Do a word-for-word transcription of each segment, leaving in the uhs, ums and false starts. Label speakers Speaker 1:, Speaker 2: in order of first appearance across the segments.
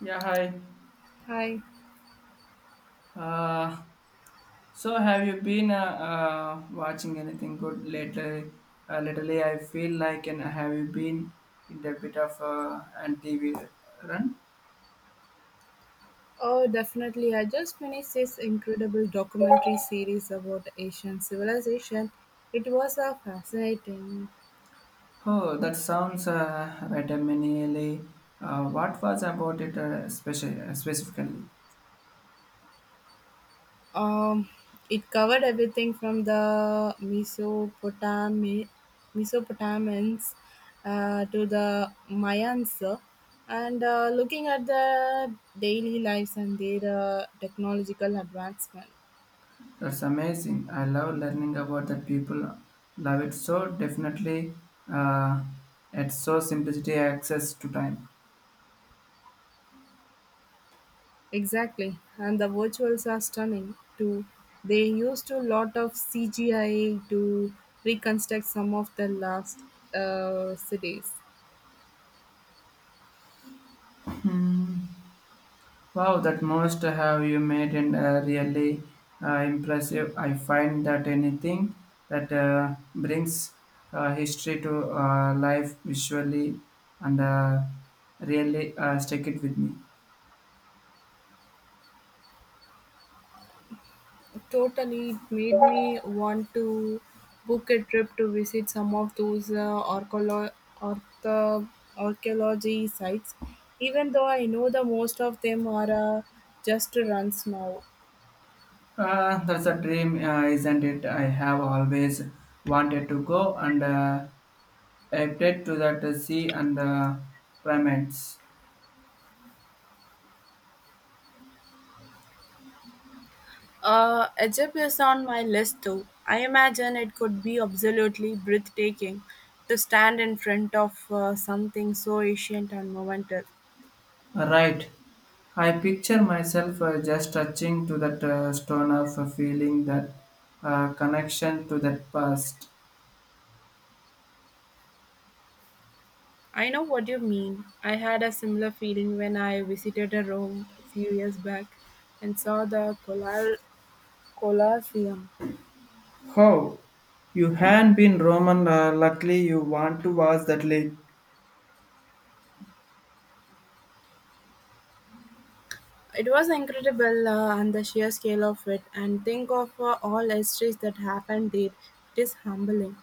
Speaker 1: Yeah, hi.
Speaker 2: Hi.
Speaker 1: Uh, so, have you been uh, uh, watching anything good lately? Uh, lately, I feel like, and have you been in the bit of uh, anti run?
Speaker 2: Oh, definitely. I just finished this incredible documentary series about Asian civilization. It was a fascinating.
Speaker 1: Oh, that sounds uh, right. I mean, uh, what was about it uh, speci- uh, specifically?
Speaker 2: Um, it covered everything from the Mesopotami- Mesopotamians uh, to the Mayans, uh, and uh, looking at the daily lives and their uh, technological advancement.
Speaker 1: That's amazing. I love learning about that people. Love it so definitely. Uh, at so simplicity, access to time.
Speaker 2: Exactly, and the virtuals are stunning too. They used a lot of C G I to reconstruct some of the last uh, cities.
Speaker 1: Wow, that most have you made and uh, really uh, impressive. I find that anything that uh, brings uh, history to uh, life visually and uh, really uh, stick it with me.
Speaker 2: Totally, it made me want to book a trip to visit some of those uh, archeolo- artho- archaeology sites, even though I know the most of them are uh, just runs now.
Speaker 1: Uh, that's a dream, uh, isn't it? I have always wanted to go and uh, headed to that uh, sea and uh, primates.
Speaker 2: Uh, Egypt is on my list too. I imagine it could be absolutely breathtaking to stand in front of uh, something so ancient and monumental.
Speaker 1: Right. I picture myself uh, just touching to that uh, stone of uh, feeling that uh, connection to that past.
Speaker 2: I know what you mean. I had a similar feeling when I visited a Rome a few years back and saw the Colla- Colosseum.
Speaker 1: How? You had been Roman, uh, luckily you want to watch that lake.
Speaker 2: It was incredible uh, and the sheer scale of it, and think of uh, all histories that happened there. It is humbling.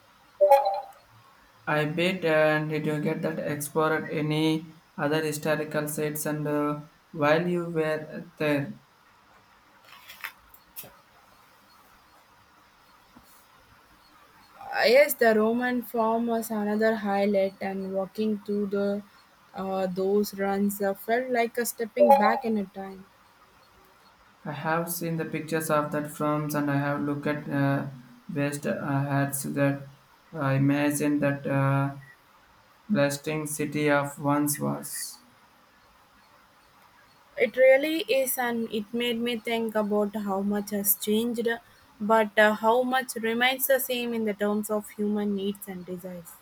Speaker 1: I bet, and did you get that explored any other historical sites? And uh, while you were there,
Speaker 2: Uh, yes, the Roman form was another highlight, and walking through the uh, those runs uh, felt like a stepping back in a time.
Speaker 1: I have seen the pictures of that films, and I have looked at uh, West uh, hats that uh, I imagine that uh, blasting city of once was.
Speaker 2: It really is, and it made me think about how much has changed, but uh, how much remains the same in the terms of human needs and desires.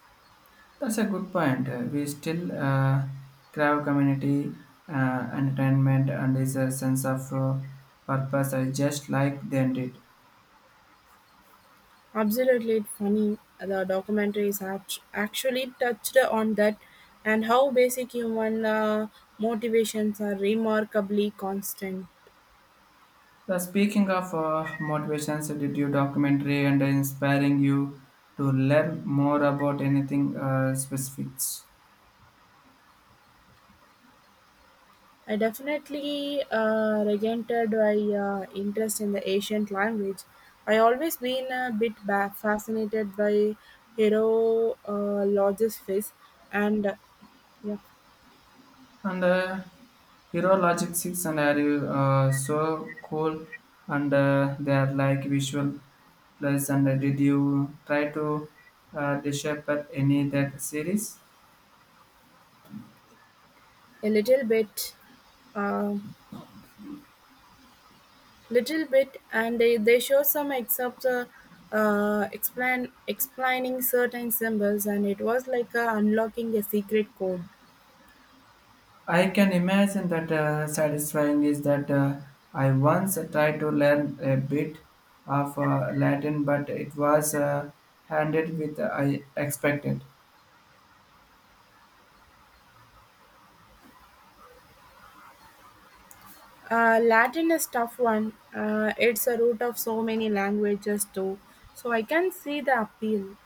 Speaker 1: That's a good point. Uh, We still uh, crave community, uh, entertainment, and is a sense of uh, purpose. I just like they did.
Speaker 2: Absolutely funny. The documentary is act- actually touched on that and how basic human uh, motivations are remarkably constant.
Speaker 1: The speaking of uh, motivations, did you documentary and inspiring you to learn more about anything uh, specifics?
Speaker 2: I definitely uh, regented my uh, interest in the ancient language. I always been a bit ba- fascinated by hieroglyphics and uh, yeah,
Speaker 1: And uh, Hero Logic six and are you uh, so cool and uh, they are like visual plus and uh, did you try to uh, decipher any that series?
Speaker 2: a little bit, um little bit, and they, they show some except uh, uh, explain explaining certain symbols, and it was like uh, unlocking a secret code.
Speaker 1: I can imagine that uh, satisfying is that uh, I once tried to learn a bit of uh, Latin but it was uh, handed with uh, I expected.
Speaker 2: Uh, Latin is tough one. Uh, it's a root of so many languages too. So I can see the appeal.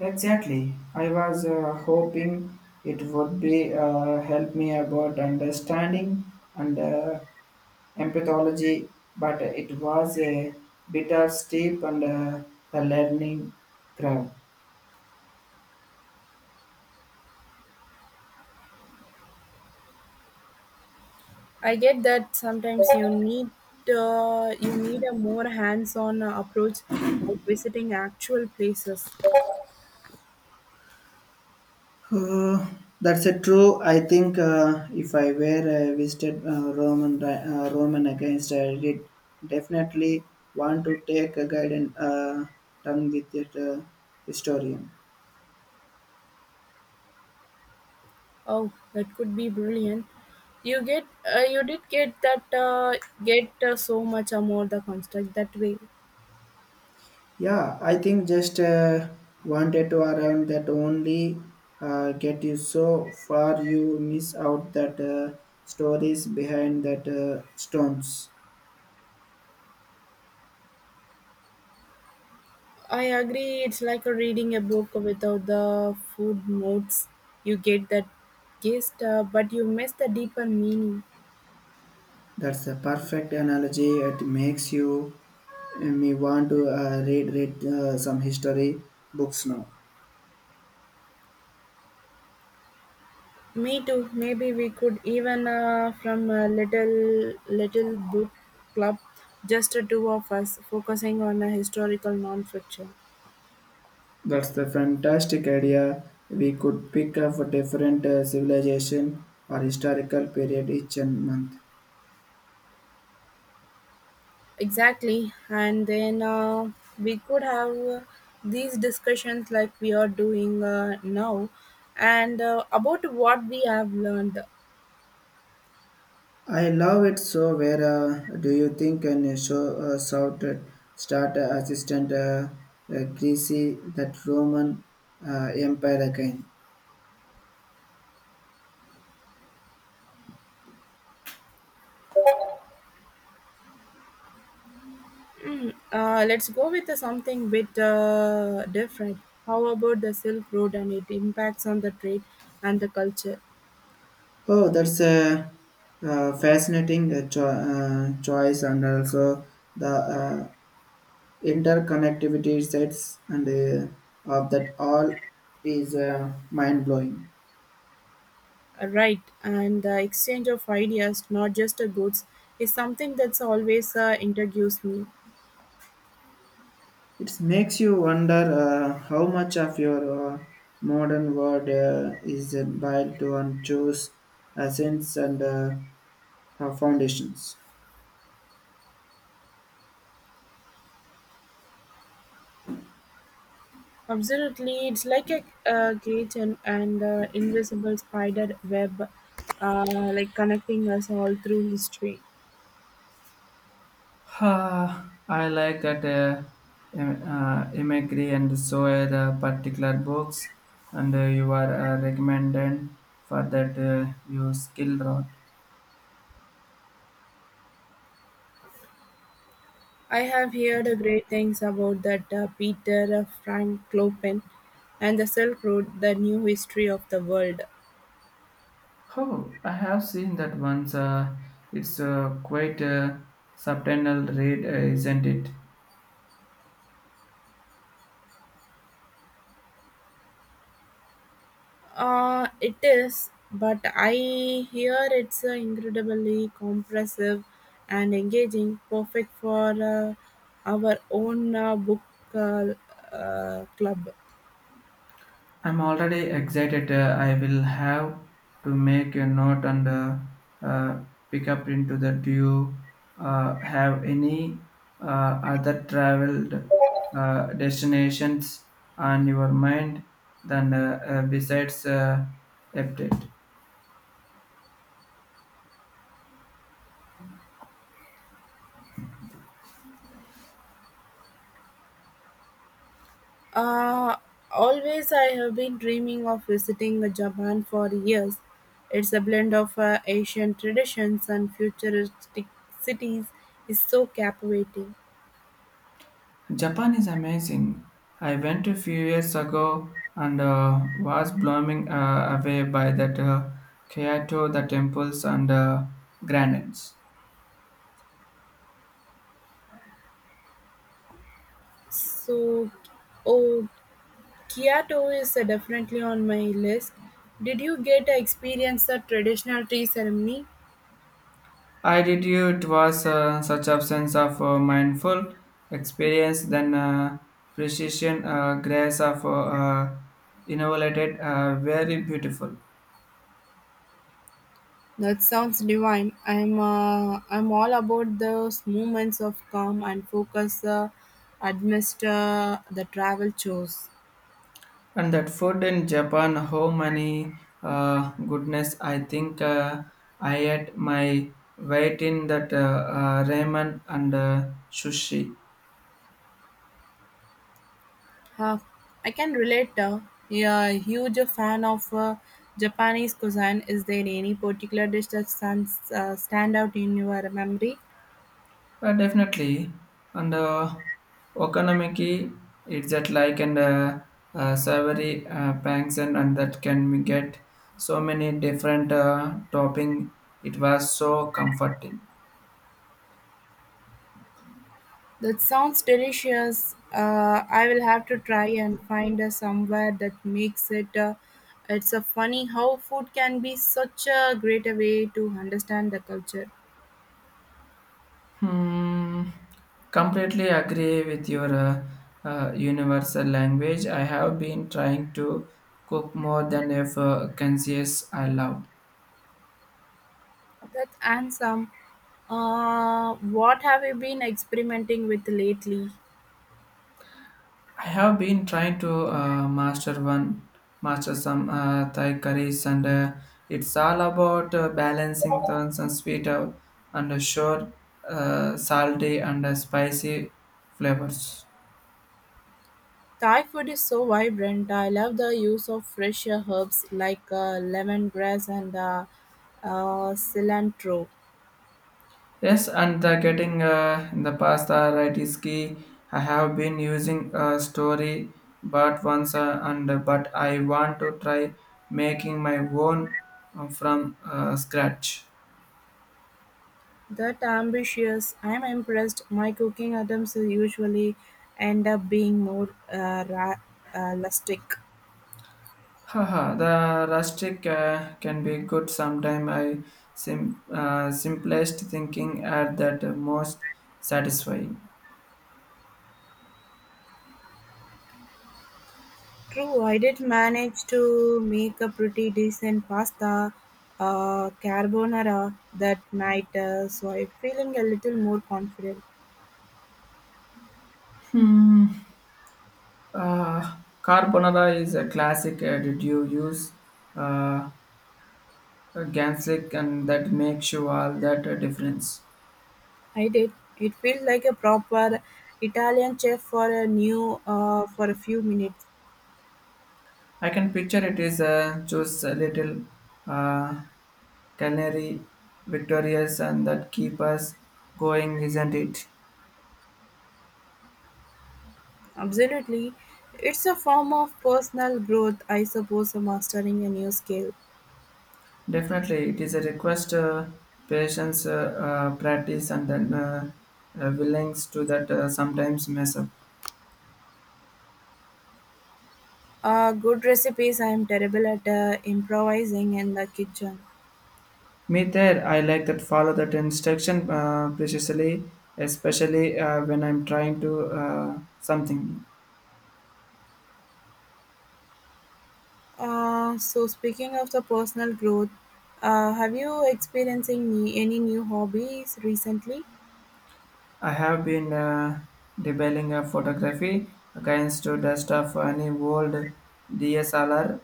Speaker 1: Exactly. I was uh, hoping it would be uh, help me about understanding and uh, empathology, but it was a bit of steep and uh, the learning curve.
Speaker 2: I get that sometimes you need uh, you need a more hands-on uh, approach, like visiting actual places.
Speaker 1: Uh, that's a true. I think uh, if I were uh, visited uh, Roman uh, Roman against, I did definitely want to take a guidance uh, tongue with a uh, historian.
Speaker 2: Oh, that could be brilliant. You get uh, you did get that uh, get uh, so much uh, more the construct that way.
Speaker 1: Yeah, I think just uh, wanted to around that only uh, get you so far you miss out that uh, stories behind that uh, stones.
Speaker 2: I agree, it's like a reading a book without the food notes. You get that gist, uh, but you miss the deeper meaning.
Speaker 1: That's the perfect analogy. It makes you uh, me want to uh, read read uh, some history books now.
Speaker 2: Me too. Maybe we could even uh, from a little little book club, just the two of us, focusing on a historical nonfiction.
Speaker 1: That's the fantastic idea. We could pick up a different uh, civilization or historical period each and month.
Speaker 2: Exactly, and then uh, we could have uh, these discussions like we are doing uh, now, and uh, about what we have learned.
Speaker 1: I love it. So, where uh, do you think and show uh, shout at start uh, assistant uh, uh, Greasy that Roman uh, Empire again?
Speaker 2: Uh, let's go with something bit uh, different. How about the Silk Road and its impacts on the trade and the culture?
Speaker 1: Oh, that's a, uh fascinating uh, cho- uh, choice, and also the uh, interconnectivity sets and uh, of that all is uh, mind blowing.
Speaker 2: Uh, Right, and the exchange of ideas, not just the goods, is something that's always uh, intrigues me.
Speaker 1: It makes you wonder uh, how much of your uh, modern world uh, is built on choose essence and uh, uh, foundations.
Speaker 2: Absolutely, it's like a, uh cage and, and uh, invisible spider web, uh, like connecting us all through history.
Speaker 1: Ah, I like that uh, im- uh, imagery and so are the particular books and uh, you are uh, recommended for that uh, you skill rod.
Speaker 2: I have heard great things about that uh, Peter Frankopan and the Silk Road, the new history of the world.
Speaker 1: Oh, I have seen that once. Uh, it's uh, quite a subtle read, uh, isn't it?
Speaker 2: Uh, it is, but I hear it's uh, incredibly comprehensive and engaging, perfect for uh, our own uh, book uh, uh, club.
Speaker 1: I'm already excited. Uh, I will have to make a note and uh, uh, pick up into the. Do you uh, have any uh, other traveled uh, destinations on your mind than uh, uh, besides uh, Egypt?
Speaker 2: Uh, Always, I have been dreaming of visiting Japan for years. It's a blend of uh, Asian traditions and futuristic cities is so captivating.
Speaker 1: Japan is amazing. I went a few years ago and uh, was blown uh, away by that uh, Kyoto, the temples and uh, gardens.
Speaker 2: So, oh, Kyoto is uh, definitely on my list. Did you get to experience the traditional tea ceremony?
Speaker 1: I did you. It was uh, such a sense of uh, mindful experience, then uh, precision, uh, grace of uh, uh, innovated, uh, very beautiful.
Speaker 2: That sounds divine. I'm uh, I'm all about those moments of calm and focus uh, amidst uh, the travel chores.
Speaker 1: And that food in Japan, how many uh, goodness! I think uh, I ate my weight in that uh, uh, ramen and uh, sushi.
Speaker 2: Uh, I can relate. Uh, yeah, a huge fan of uh, Japanese cuisine. Is there any particular dish that stands uh, stand out in your memory?
Speaker 1: Uh, definitely, and uh, okonomiyaki, it's that like and uh, uh, savory uh, banks and, and that can we get so many different uh, topping. It was so comforting.
Speaker 2: That sounds delicious. Uh, I will have to try and find uh, somewhere that makes it. Uh, it's a funny how food can be such a great way to understand the culture.
Speaker 1: Hmm, completely agree with your uh, uh, universal language. I have been trying to cook more than if uh, conscious I love.
Speaker 2: That's handsome. Uh, what have you been experimenting with lately?
Speaker 1: I have been trying to uh, master one, master some uh, Thai curries, and uh, it's all about uh, balancing turns and sweet out and uh, sure uh, salty and uh, spicy flavors.
Speaker 2: Thai food is so vibrant. I love the use of fresh herbs like uh, lemongrass and uh, uh, cilantro.
Speaker 1: Yes, and the getting uh, in the pasta right is key. I have been using a story, but once uh, and uh, but I want to try making my own uh, from uh, scratch.
Speaker 2: That ambitious, I'm impressed. My cooking attempts usually end up being more uh, ra- uh, rustic.
Speaker 1: Haha, the rustic uh, can be good sometime. I sim- uh, simplest thinking at that most satisfying.
Speaker 2: True, I did manage to make a pretty decent pasta uh, carbonara that night, uh, so I'm feeling a little more confident.
Speaker 1: Uh, carbonara is a classic. Uh, did you use uh, ganslick and that makes you all that uh, difference?
Speaker 2: I did. It felt like a proper Italian chef for a new uh, for a few minutes.
Speaker 1: I can picture it is uh, just a little uh, canary victorious and that keep us going, isn't it?
Speaker 2: Absolutely, it's a form of personal growth, I suppose. Mastering a new skill.
Speaker 1: Definitely, it is a request, uh, patience, uh, uh, practice, and then uh, uh, willingness to that uh, sometimes mess up.
Speaker 2: Uh, good recipes. I am terrible at uh, improvising in the kitchen.
Speaker 1: Me there, I like that follow that instruction uh, precisely, especially uh, when I'm trying to uh, something new.
Speaker 2: Uh, so speaking of the personal growth, uh, have you experiencing any new hobbies recently?
Speaker 1: I have been uh, debating a photography against the dust of any old D S L R,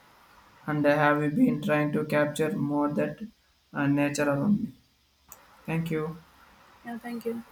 Speaker 1: and I have been trying to capture more that uh, nature around me. Thank you.
Speaker 2: Yeah, thank you.